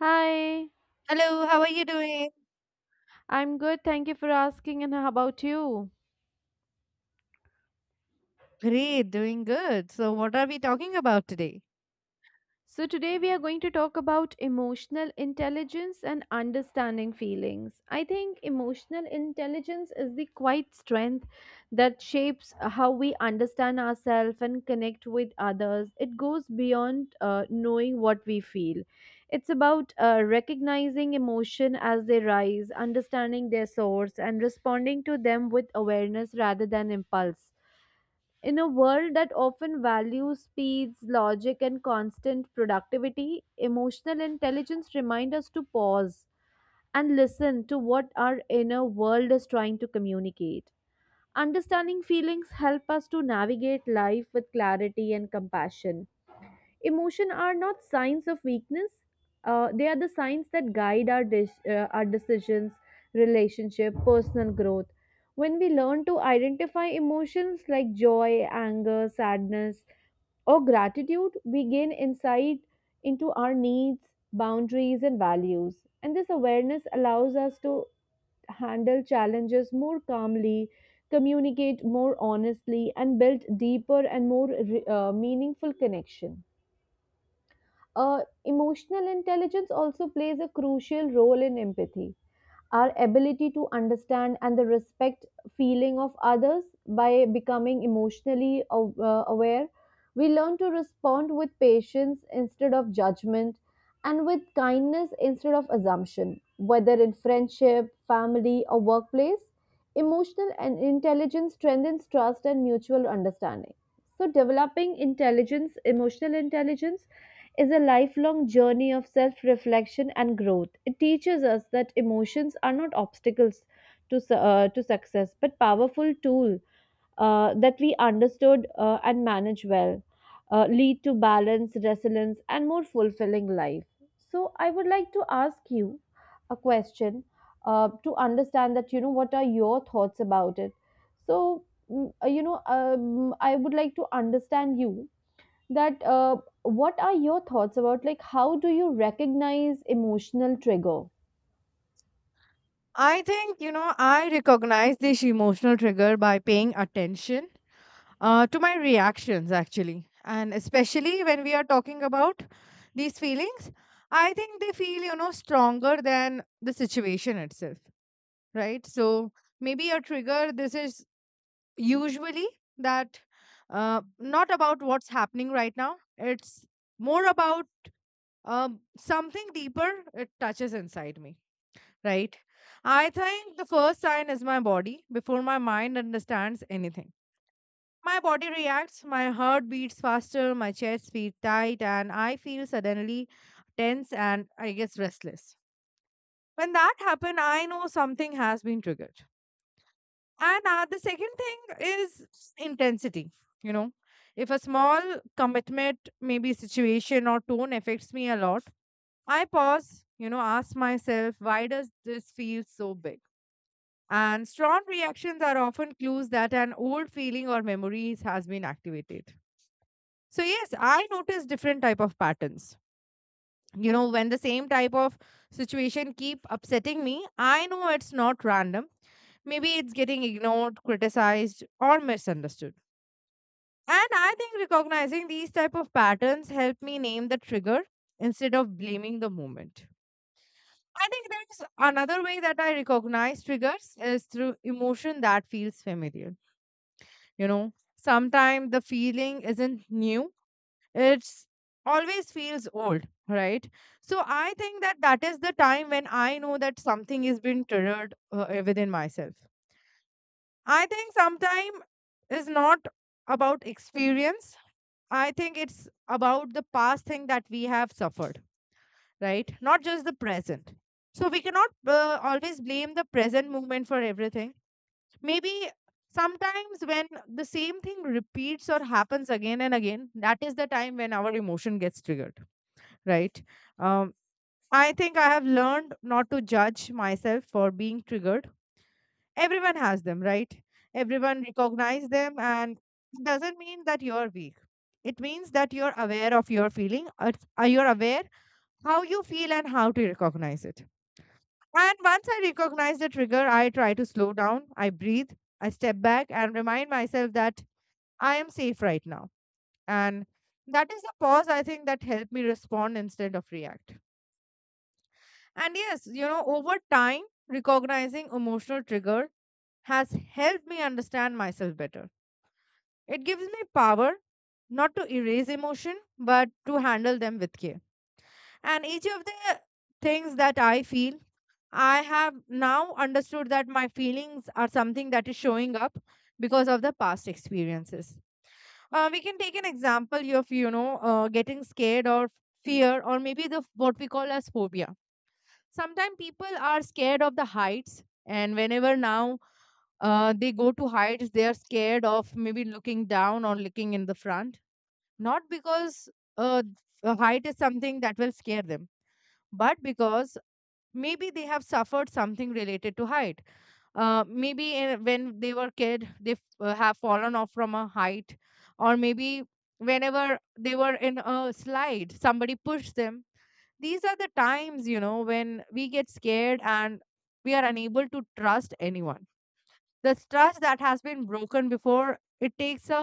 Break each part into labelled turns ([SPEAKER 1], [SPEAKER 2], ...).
[SPEAKER 1] Hi,
[SPEAKER 2] Hello, how are you doing?
[SPEAKER 1] I'm good. Thank you for asking. And how about you?
[SPEAKER 2] Great, doing good. So, what are we talking about today?
[SPEAKER 1] So, today we are going to talk about emotional intelligence and understanding feelings. I think emotional intelligence is the quiet strength that shapes how we understand ourselves and connect with others. It goes beyond knowing what we feel, it's about recognizing emotion as they rise, understanding their source, and responding to them with awareness rather than impulse. In a world that often values speeds, logic, and constant productivity, emotional intelligence reminds us to pause and listen to what our inner world is trying to communicate. Understanding feelings help us to navigate life with clarity and compassion. Emotion are not signs of weakness. They are the signs that guide our decisions, relationship, personal growth. When we learn to identify emotions like joy, anger, sadness, or gratitude, we gain insight into our needs, boundaries, and values. And this awareness allows us to handle challenges more calmly, communicate more honestly, and build deeper and more meaningful connection. Uh, Emotional intelligence also plays a crucial role in empathy. Our ability to understand and the respect feeling of others by becoming emotionally aware, we learn to respond with patience instead of judgment and with kindness instead of assumption. Whether in friendship, family, or workplace, emotional and intelligence strengthens trust and mutual understanding. So, developing intelligence, emotional intelligence is a lifelong journey of self reflection and growth. It teaches us that emotions are not obstacles to success, but powerful tool that we understood and manage well, lead to balance, resilience, and more fulfilling life. So, I would like to ask you a question to understand that, you know, what are your thoughts about it? So, I would like to understand you that what are your thoughts about like how do you recognize emotional trigger?
[SPEAKER 2] I think, you know, I recognize this emotional trigger by paying attention to my reactions, actually. And especially when we are talking about these feelings, I think they feel, you know, stronger than the situation itself, right? So, maybe a trigger, this is usually that not about what's happening right now, it's more about something deeper it touches inside me, right? I think the first sign is my body before my mind understands anything. My body reacts, my heart beats faster, my chest feels tight, and I feel suddenly tense and I guess restless. When that happens, I know something has been triggered. And the second thing is intensity. You know, if a small commitment, maybe situation or tone, affects me a lot, I pause, you know, ask myself, why does this feel so big? And strong reactions are often clues that an old feeling or memories has been activated. So yes, I notice different type of patterns. You know, when the same type of situation keep upsetting me, I know it's not random. Maybe it's getting ignored, criticized, or misunderstood. And I think recognizing these type of patterns help me name the trigger instead of blaming the moment. I think there's another way that I recognize triggers is through emotion that feels familiar. You know, sometimes the feeling isn't new, it's always feels old, right? So I think that is the time when I know that something is being triggered within myself. I think sometime is not about experience. I think it's about the past thing that we have suffered, right? Not just the present. So we cannot always blame the present moment for everything. Maybe sometimes when the same thing repeats or happens again and again, that is the time when our emotion gets triggered, right? Um, I think I have learned not to judge myself for being triggered. Everyone has them, right? Everyone recognize them, and it doesn't mean that you're weak. It means that you're aware of your feeling, you're aware how you feel and how to recognize it. And once I recognize the trigger, I try to slow down, I breathe, I step back and remind myself that I am safe right now. And that is the pause I think that helped me respond instead of react. And yes, you know, over time, recognizing emotional trigger has helped me understand myself better. It gives me power not to erase emotion, but to handle them with care. And each of the things that I feel, I have now understood that my feelings are something that is showing up because of the past experiences. We can take an example of, you know, getting scared or fear, or maybe the what we call as phobia. Sometimes people are scared of the heights, and whenever now they go to heights, they are scared of maybe looking down or looking in the front. Not because uh, a height is something that will scare them, but because maybe they have suffered something related to height, maybe when they were kid they have fallen off from a height, or maybe whenever they were in a slide somebody pushed them. These are the times, you know, when we get scared and we are unable to trust anyone. The trust that has been broken before, it takes a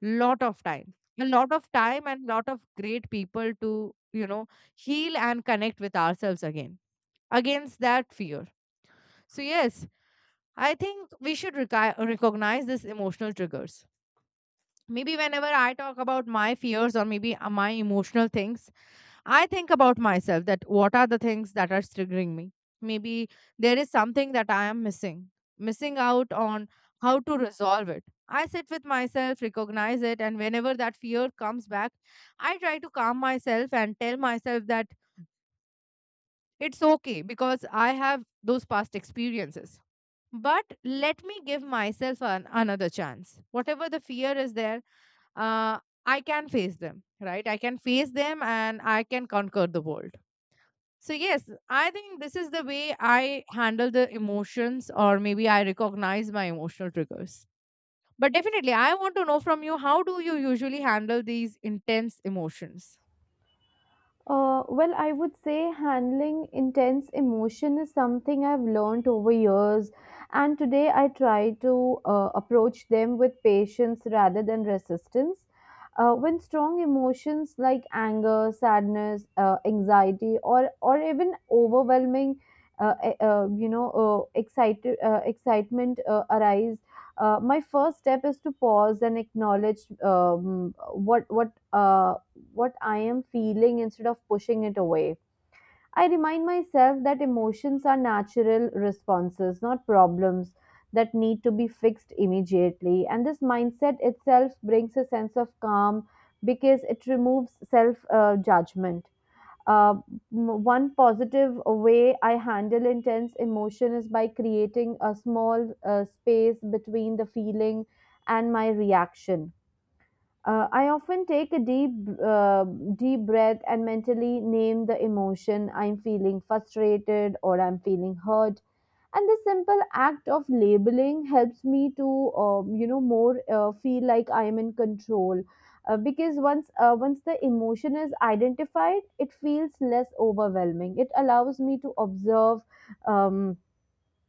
[SPEAKER 2] lot of time, a lot of time and lot of great people to, you know, heal and connect with ourselves again against that fear. So, yes, I think we should recognize these emotional triggers. Maybe whenever I talk about my fears or maybe my emotional things, I think about myself that what are the things that are triggering me. Maybe there is something that I am missing, missing out on how to resolve it. I sit with myself, recognize it, and whenever that fear comes back, I try to calm myself and tell myself that it's okay because I have those past experiences, but let me give myself an, another chance. Whatever the fear is there, uh, I can face them, right? I can face them and I can conquer the world. So yes, I think this is the way I handle the emotions, or maybe I recognize my emotional triggers. But definitely, I want to know from you, how do you usually handle these intense emotions?
[SPEAKER 1] Well, I would say handling intense emotion is something I've learned over years, and today I try to approach them with patience rather than resistance. When strong emotions like anger, sadness, anxiety, or even overwhelming, e- you know, excited excitement arise. My first step is to pause and acknowledge what I am feeling instead of pushing it away. I remind myself that emotions are natural responses, not problems that need to be fixed immediately. And this mindset itself brings a sense of calm because it removes self judgment. Uh, One positive way I handle intense emotion is by creating a small space between the feeling and my reaction. I often take a uh, deep breath and mentally name the emotion. I'm feeling frustrated or I'm feeling hurt, and the simple act of labeling helps me to you know, more feel like I am in control, because once the emotion is identified, it feels less overwhelming. It allows me to observe um,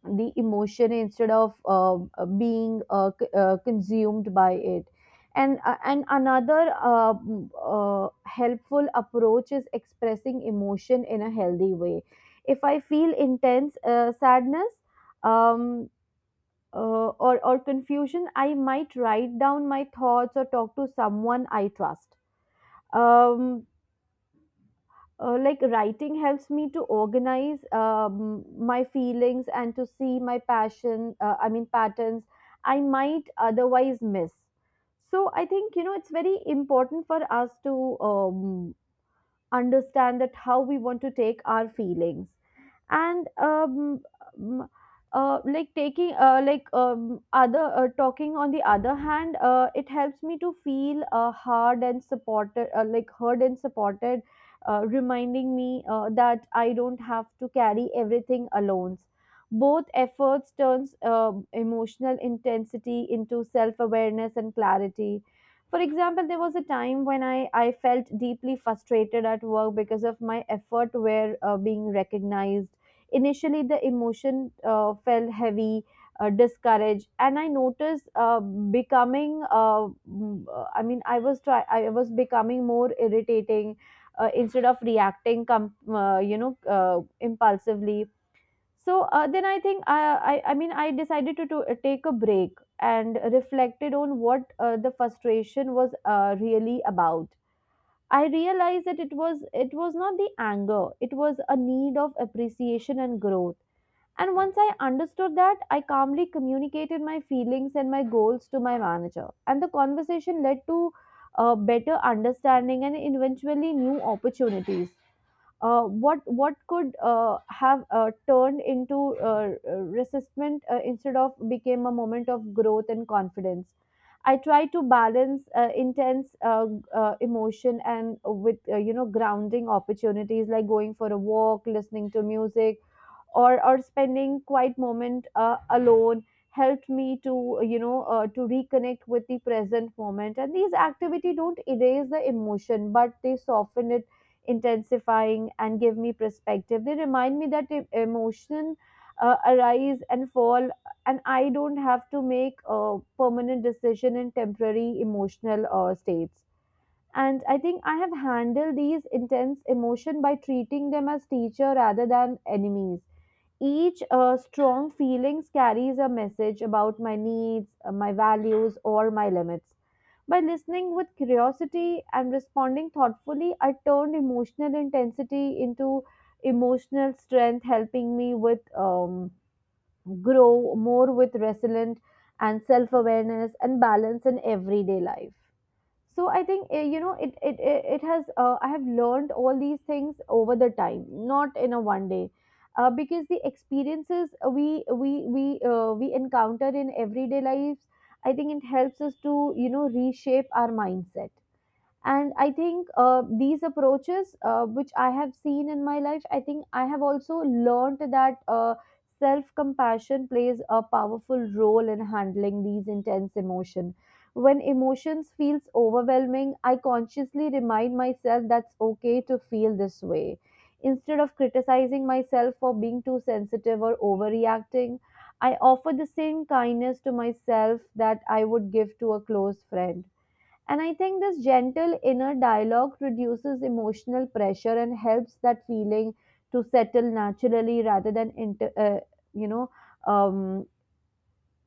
[SPEAKER 1] the emotion instead of consumed by it. And another helpful approach is expressing emotion in a healthy way. If I feel intense sadness um, or confusion, I might write down my thoughts or talk to someone I trust. um, like, writing helps me to organize my feelings and to see my passion I mean patterns I might otherwise miss. So I think, you know, it's very important for us to understand that how we want to take our feelings. And um, like taking like other talking, on the other hand, it helps me to feel hard and supported like heard and supported, reminding me that I don't have to carry everything alone. Both efforts turns emotional intensity into self-awareness and clarity. For example, there was a time when I felt deeply frustrated at work because of my effort were being recognized. Initially, the emotion felt heavy, discouraged, and I noticed becoming. Mm, I mean, I was try. I was becoming more irritating instead of reacting impulsively. So then I think I mean I decided to take a break and reflected on what the frustration was really about. I realized that it was not the anger; it was a need of appreciation and growth. And once I understood that, I calmly communicated my feelings and my goals to my manager. And the conversation led to better understanding and eventually new opportunities. What could have turned into resistment instead of became a moment of growth and confidence. I try to balance intense emotion and with you know, grounding opportunities like going for a walk, listening to music, or spending quiet moment alone. Helped me to, you know, to reconnect with the present moment, and these activity don't erase the emotion, but they soften it intensifying and give me perspective. They remind me that emotion arise and fall, and I don't have to make a permanent decision in temporary emotional states. And I think I have handled these intense emotion by treating them as teacher rather than enemies. Each strong feelings carries a message about my needs, my values, or my limits. By listening with curiosity and responding thoughtfully, I turned emotional intensity into emotional strength, helping me with grow more with resilient and self awareness and balance in everyday life. So I think, you know, it has I have learned all these things over the time, not in a one day, because the experiences we we we we encounter in everyday lives, I think it helps us to, you know, reshape our mindset. And I think these approaches which I have seen in my life, I think I have also learned that self compassion plays a powerful role in handling these intense emotion. When emotions feels overwhelming, I consciously remind myself that's okay to feel this way, instead of criticizing myself for being too sensitive or overreacting. I offer the same kindness to myself that I would give to a close friend. And I think this gentle inner dialogue reduces emotional pressure and helps that feeling to settle naturally rather than you know, um,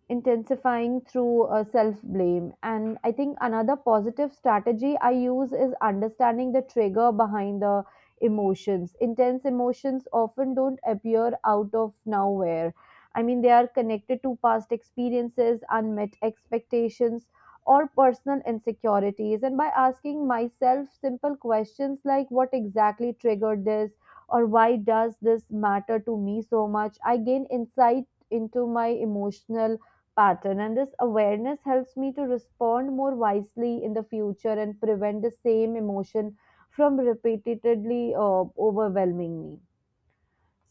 [SPEAKER 1] intensifying through self blame. And I think another positive strategy I use is understanding the trigger behind the emotions. Intense emotions often don't appear out of nowhere. I mean, they are connected to past experiences, unmet expectations, or personal insecurities. And by asking myself simple questions like, what exactly triggered this? Or why does this matter to me so much? I gain insight into my emotional pattern, and this awareness helps me to respond more wisely in the future and prevent the same emotion from repeatedly overwhelming me.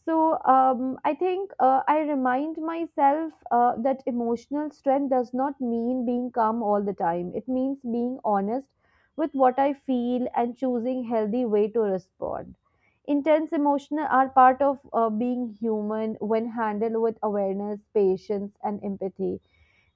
[SPEAKER 1] So, I think, I remind myself that emotional strength does not mean being calm all the time. It means being honest with what I feel and choosing healthy way to respond. Intense emotions are part of being human. When handled with awareness, patience, and empathy,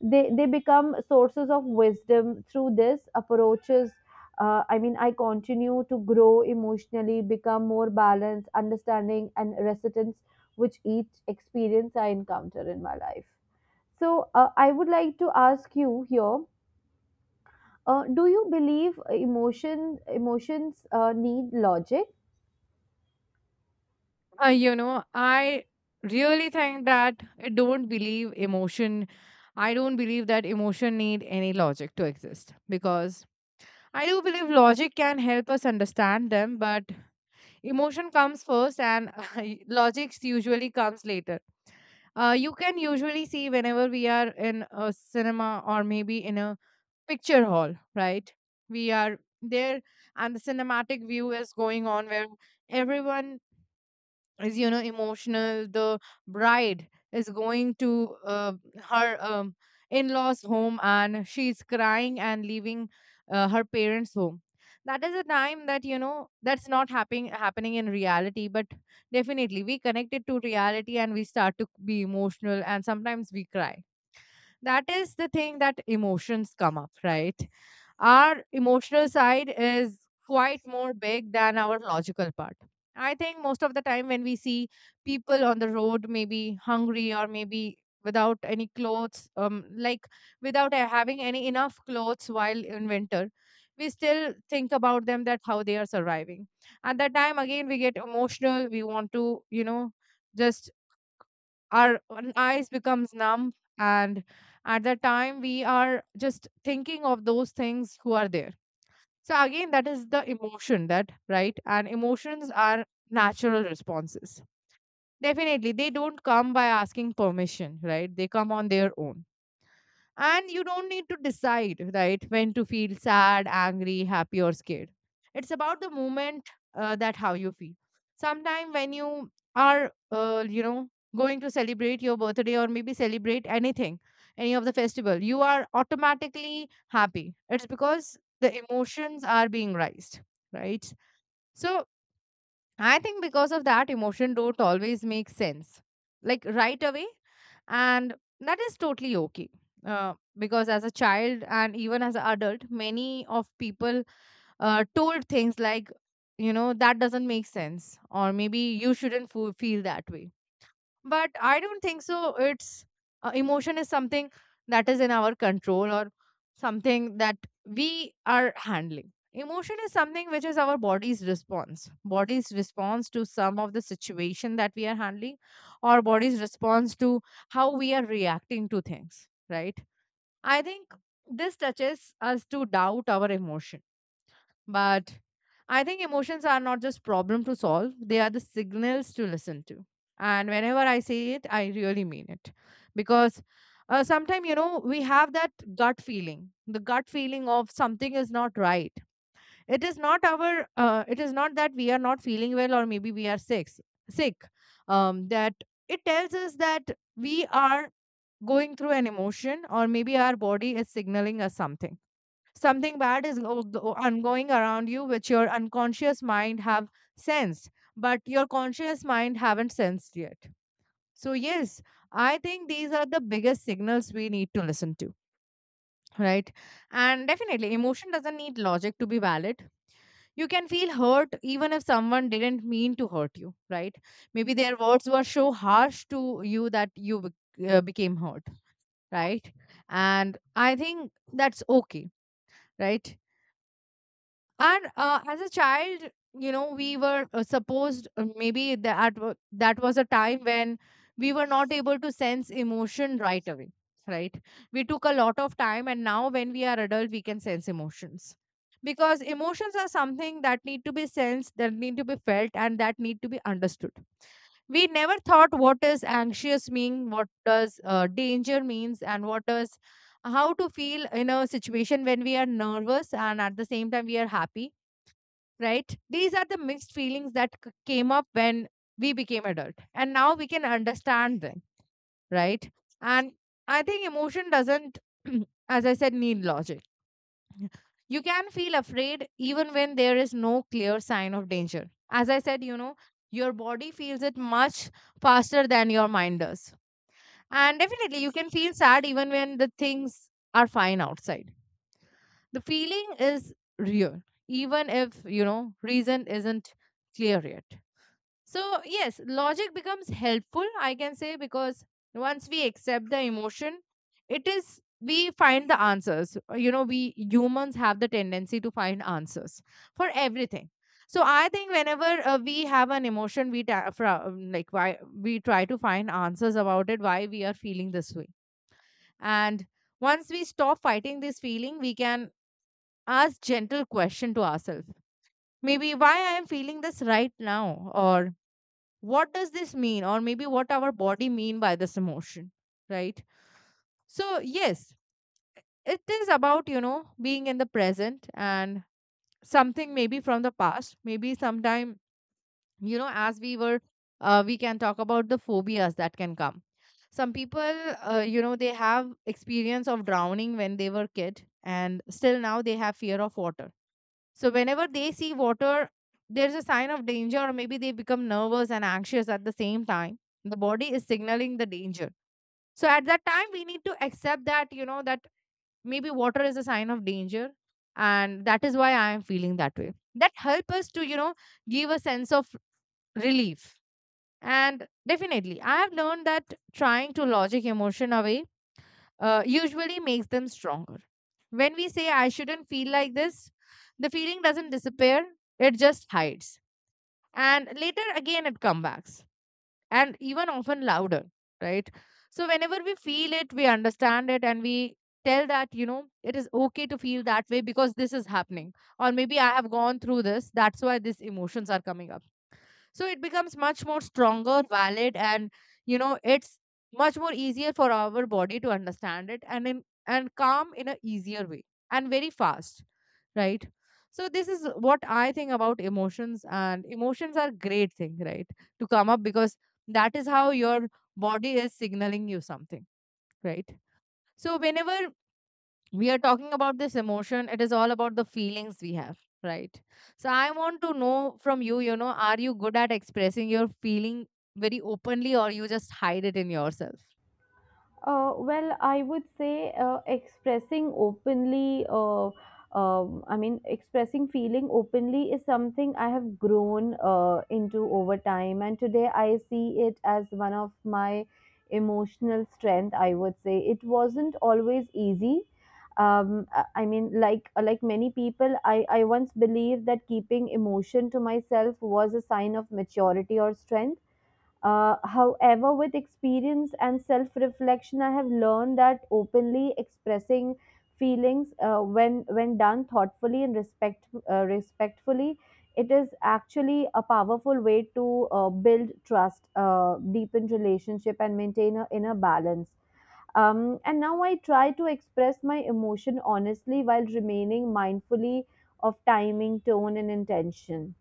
[SPEAKER 1] they become sources of wisdom. Through this approaches, I mean, I continue to grow emotionally, become more balanced understanding and resilience with each experience I encounter in my life. So I would like to ask you here, do you believe emotions need logic?
[SPEAKER 2] You know, I really think that I don't believe emotion. I don't believe that emotion need any logic to exist, because I do believe logic can help us understand them, but emotion comes first and logic usually comes later. You can usually see whenever we are in a cinema or maybe in a picture hall, right? We are there and the cinematic view is going on where everyone is, you know, emotional. The bride is going to her in-laws home and she's crying and leaving her parents home. That is a time that, you know, that's not happening in reality, but definitely we connect it to reality and we start to be emotional and sometimes we cry. That is the thing that emotions come up, right? Our emotional side is quite more big than our logical part. I think most of the time when we see people on the road, maybe hungry or maybe without any clothes, like without having any enough clothes while in winter, we still think about them that how they are surviving. At that time, again, we get emotional. We want to, you know, just our own eyes becomes numb, and at that time we are just thinking of those things who are there. So again, that is the emotion that, right? And emotions are natural responses. Definitely, they don't come by asking permission, right? They come on their own. And you don't need to decide, right, when to feel sad, angry, happy, or scared. It's about the moment, that how you feel. Sometime when you are, you know, going to celebrate your birthday or maybe celebrate anything, any of the festival, you are automatically happy. It's because the emotions are being raised, right? So I think because of that, emotion don't always make sense, like right away, and that is totally okay. Because as a child and even as an adult, many of people told things like, you know, that doesn't make sense, or maybe you shouldn't feel that way. But I don't think so. It's emotion is something that is in our control, or something that we are handling. Emotion is something which is our body's response to some of the situation that we are handling, or body's response to how we are reacting to things, right? I think this touches us to doubt our emotion, but I think emotions are not just problem to solve, they are the signals to listen to. And whenever I say it, I really mean it. Because sometimes, you know, we have that gut feeling, the gut feeling of something is not right. It is not our, it is not that we are not feeling well or maybe we are sick, that it tells us that we are going through an emotion, or maybe our body is signaling us something, something bad is on going around you, which your unconscious mind have sensed but your conscious mind haven't sensed yet. So yes, I think these are the biggest signals we need to listen to, right? And definitely emotion doesn't need logic to be valid. You can feel hurt even if someone didn't mean to hurt you, right? Maybe their words were so harsh to you that you became hurt, right? And I think that's okay, right? And as a child, you know, we were supposed, maybe that that was a time when we were not able to sense emotion right away, right? We took a lot of time, and now when we are adult, we can sense emotions, because emotions are something that need to be sensed, that need to be felt, and that need to be understood. We never thought what does anxious mean, what does danger means, and what does how to feel in a situation when we are nervous and at the same time we are happy, right? These are the mixed feelings that came up when we became adult, and now we can understand them, right? And I think emotion doesn't, as I said, need logic. You can feel afraid even when there is no clear sign of danger. As I said, you know, your body feels it much faster than your mind does. And definitely, you can feel sad even when the things are fine outside. The feeling is real, even if, you know, reason isn't clear yet. So, yes, logic becomes helpful, I can say, because once we accept the emotion, it is we find the answers. You know, we humans have the tendency to find answers for everything. So, I think whenever we have an emotion, we like why we try to find answers about it, why we are feeling this way. And once we stop fighting this feeling, we can ask gentle question to ourselves. Maybe why I am feeling this right now, or what does this mean, or maybe what our body mean by this emotion, right? So yes, it is about, you know, being in the present and something maybe from the past, maybe sometime, you know, as we were, we can talk about the phobias that can come. Some people, you know, they have experience of drowning when they were kid, and still now they have fear of water. So whenever they see water, there's a sign of danger, or maybe they become nervous and anxious at the same time. The body is signaling the danger. So at that time, we need to accept that, you know, that maybe water is a sign of danger. And that is why I am feeling that way. That help us to, you know, give a sense of relief. And definitely, I have learned that trying to logic emotion away usually makes them stronger. When we say, I shouldn't feel like this, the feeling doesn't disappear, it just hides. And later again, it comes back and even often louder, right? So, whenever we feel it, we understand it, and we tell that, you know, it is okay to feel that way because this is happening. Or maybe I have gone through this, that's why these emotions are coming up. So it becomes much more stronger valid, and, you know, it's much more easier for our body to understand it and in and calm in a easier way and very fast, right? So this is what I think about emotions, and emotions are great thing, right, to come up, because that is how your body is signaling you something, right? So whenever we are talking about this emotion, it is all about the feelings we have, right? So I want to know from you, you know, are you good at expressing your feeling very openly, or you just hide it in yourself?
[SPEAKER 1] Well, I would say expressing openly, I mean, expressing feeling openly is something I have grown into over time. And today I see it as one of my emotional strength, I would say. It wasn't always easy. I mean, like many people, I once believed that keeping emotion to myself was a sign of maturity or strength. However, with experience and self reflection, I have learned that openly expressing feelings when done thoughtfully and respectfully, it is actually a powerful way to build trust, deepen relationship, and maintain a inner balance. And now I try to express my emotion honestly while remaining mindfully of timing, tone, and intention.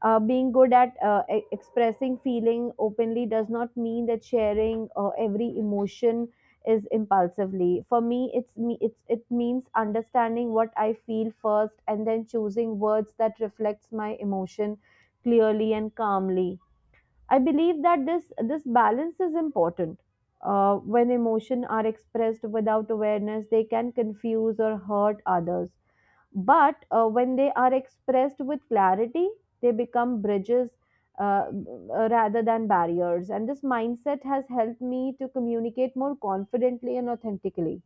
[SPEAKER 1] Being good at expressing feeling openly does not mean that sharing every emotion is impulsively. For me. It's it means understanding what I feel first, and then choosing words that reflects my emotion clearly and calmly. I believe that this balance is important. When emotion are expressed without awareness, they can confuse or hurt others. But when they are expressed with clarity, they become bridges rather than barriers. And this mindset has helped me to communicate more confidently and authentically.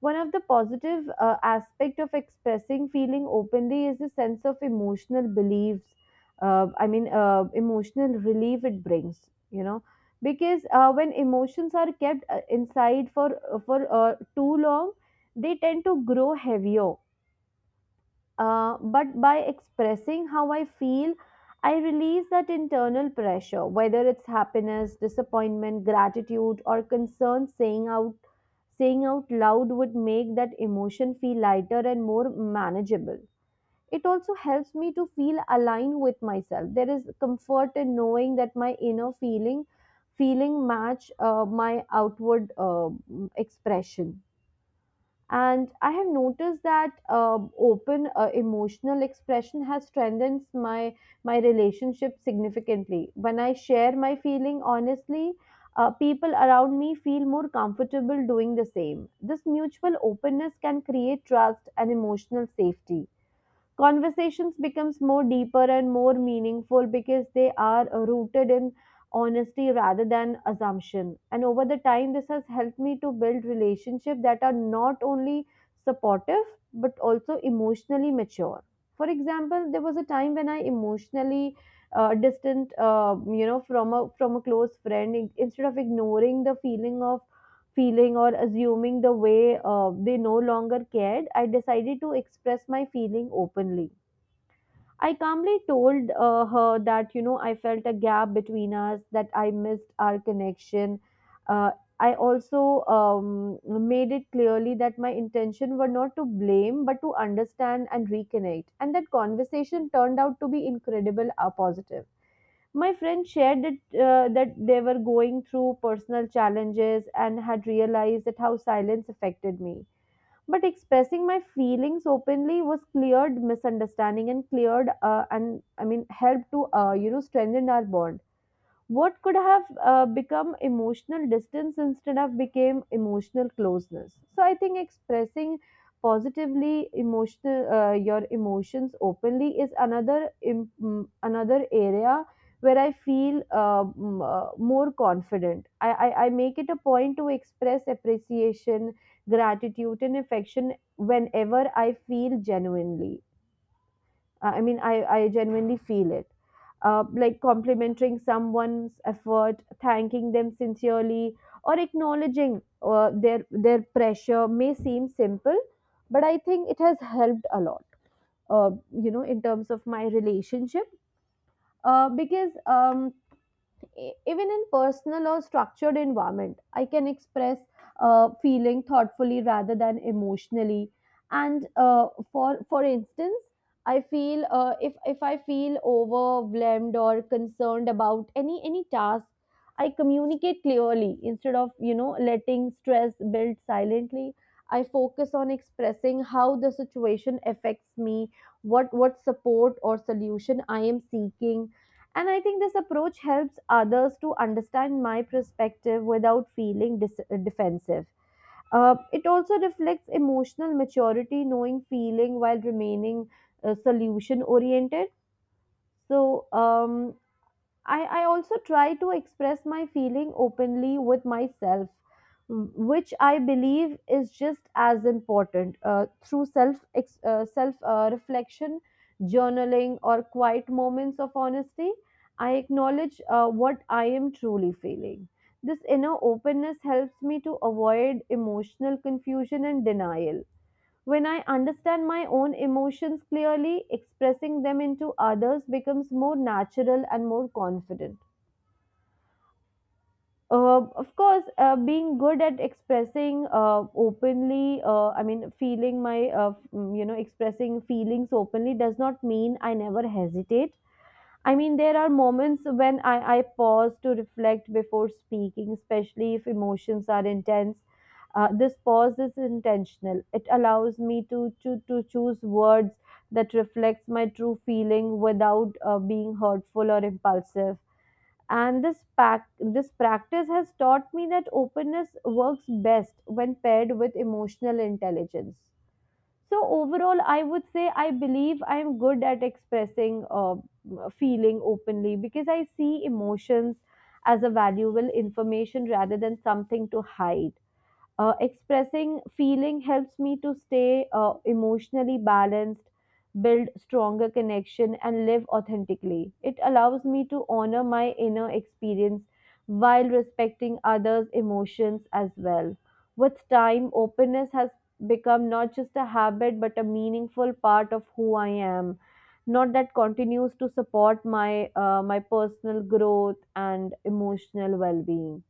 [SPEAKER 1] One of the positive aspect of expressing feeling openly is the sense of emotional beliefs. Emotional relief it brings. Because when emotions are kept inside for too long, they tend to grow heavier but by expressing how I feel, I release that internal pressure, whether it's happiness, disappointment, gratitude, or concern. Saying out loud would make that emotion feel lighter and more manageable. It also helps me to feel aligned with myself. There is comfort in knowing that my inner feeling match my outward expression, and I have noticed that open emotional expression has strengthened my relationship significantly. When I share my feeling honestly, people around me feel more comfortable doing the same. This mutual openness can create trust and emotional safety. Conversations becomes more deeper and more meaningful because they are rooted in honesty rather than assumption. And over the time, this has helped me to build relationships that are not only supportive but also emotionally mature. For example, there was a time when I emotionally distant from a close friend. Instead of ignoring the feeling or assuming the way they no longer cared, I decided to express my feeling openly. I calmly told her that, I felt a gap between us, that I missed our connection. Uh, I also made it clearly that my intention were not to blame, but to understand and reconnect. And that conversation turned out to be incredible positive. My friend shared that they were going through personal challenges and had realized that how silence affected me, but expressing my feelings openly was cleared misunderstanding and cleared and I mean helped to strengthen our bond. What could have become emotional distance instead of became emotional closeness. So I think expressing positively emotional your emotions openly is another another area where I feel more confident. I make it a point to express appreciation, gratitude, and affection whenever I feel genuinely I mean, I genuinely feel it. Like complimenting someone's effort, thanking them sincerely, or acknowledging their pressure may seem simple, but I think it has helped a lot. In terms of my relationship, because even in personal or structured environment, I can express feeling thoughtfully rather than emotionally. And for instance, I feel if I feel overwhelmed or concerned about any task, I communicate clearly instead of, letting stress build silently. I focus on expressing how the situation affects me, what support or solution I am seeking. And I think this approach helps others to understand my perspective without feeling defensive. It also reflects emotional maturity, knowing feeling while remaining solution oriented. So, um, I also try to express my feeling openly with myself, which I believe is just as important through self reflection, journaling, or quiet moments of honesty. I acknowledge what I am truly feeling. This inner openness helps me to avoid emotional confusion and denial. When I understand my own emotions clearly, expressing them into others becomes more natural and more confident. Of course, being good at expressing openly, I mean, feeling my, f- you know, expressing feelings openly does not mean I never hesitate. I mean, there are moments when I pause to reflect before speaking, especially if emotions are intense. This pause is intentional. It allows me to, to choose words that reflects my true feeling without being hurtful or impulsive. And this practice has taught me that openness works best when paired with emotional intelligence. So overall, I would say I believe I'm good at expressing feeling openly because I see emotions as a valuable information rather than something to hide. Expressing feeling helps me to stay emotionally balanced, build stronger connection, and live authentically. It allows me to honor my inner experience while respecting others' emotions as well. With time, openness has become not just a habit but a meaningful part of who I am. Not that continues to support my my personal growth and emotional well-being.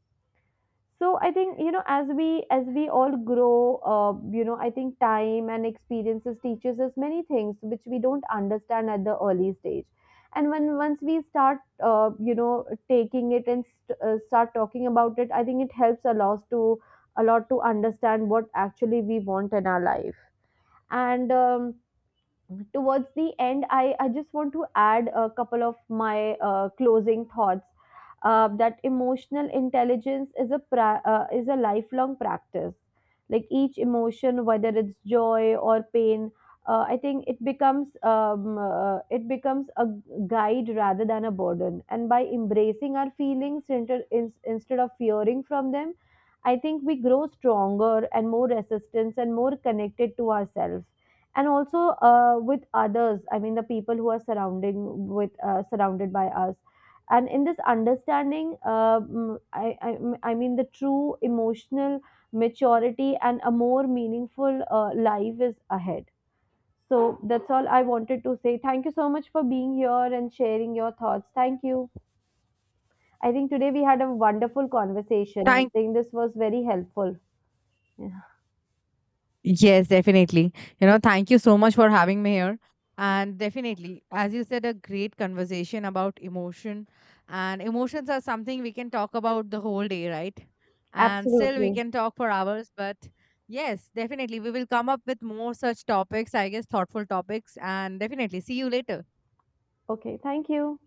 [SPEAKER 1] So I think, as we all grow, I think time and experiences teaches us many things which we don't understand at the early stage. And when once we start, uh, you know taking it and start talking about it, I think it helps a lot to understand what actually we want in our life. And Towards the end, I just want to add a couple of my closing thoughts. That emotional intelligence is is a lifelong practice. Like each emotion, whether it's joy or pain, I think it becomes a guide rather than a burden. And by embracing our feelings instead of fearing from them, I think we grow stronger and more resistance and more connected to ourselves, and also with others, I mean the people who are surrounding with surrounded by us. And in this understanding I mean, the true emotional maturity and a more meaningful life is ahead. So that's all I wanted to say. Thank you so much for being here and sharing your thoughts. Thank you. I think today we had a wonderful conversation. I
[SPEAKER 2] Thank—
[SPEAKER 1] think this was very helpful. Yeah.
[SPEAKER 2] Yes, definitely. You know, thank you so much for having me here. And definitely, as you said, a great conversation about emotion. And emotions are something we can talk about the whole day, right? And still, we
[SPEAKER 1] Absolutely.
[SPEAKER 2] can talk for hours. But yes, definitely, we will come up with more such topics, I guess, thoughtful topics. And definitely, see you later.
[SPEAKER 1] Okay, thank you.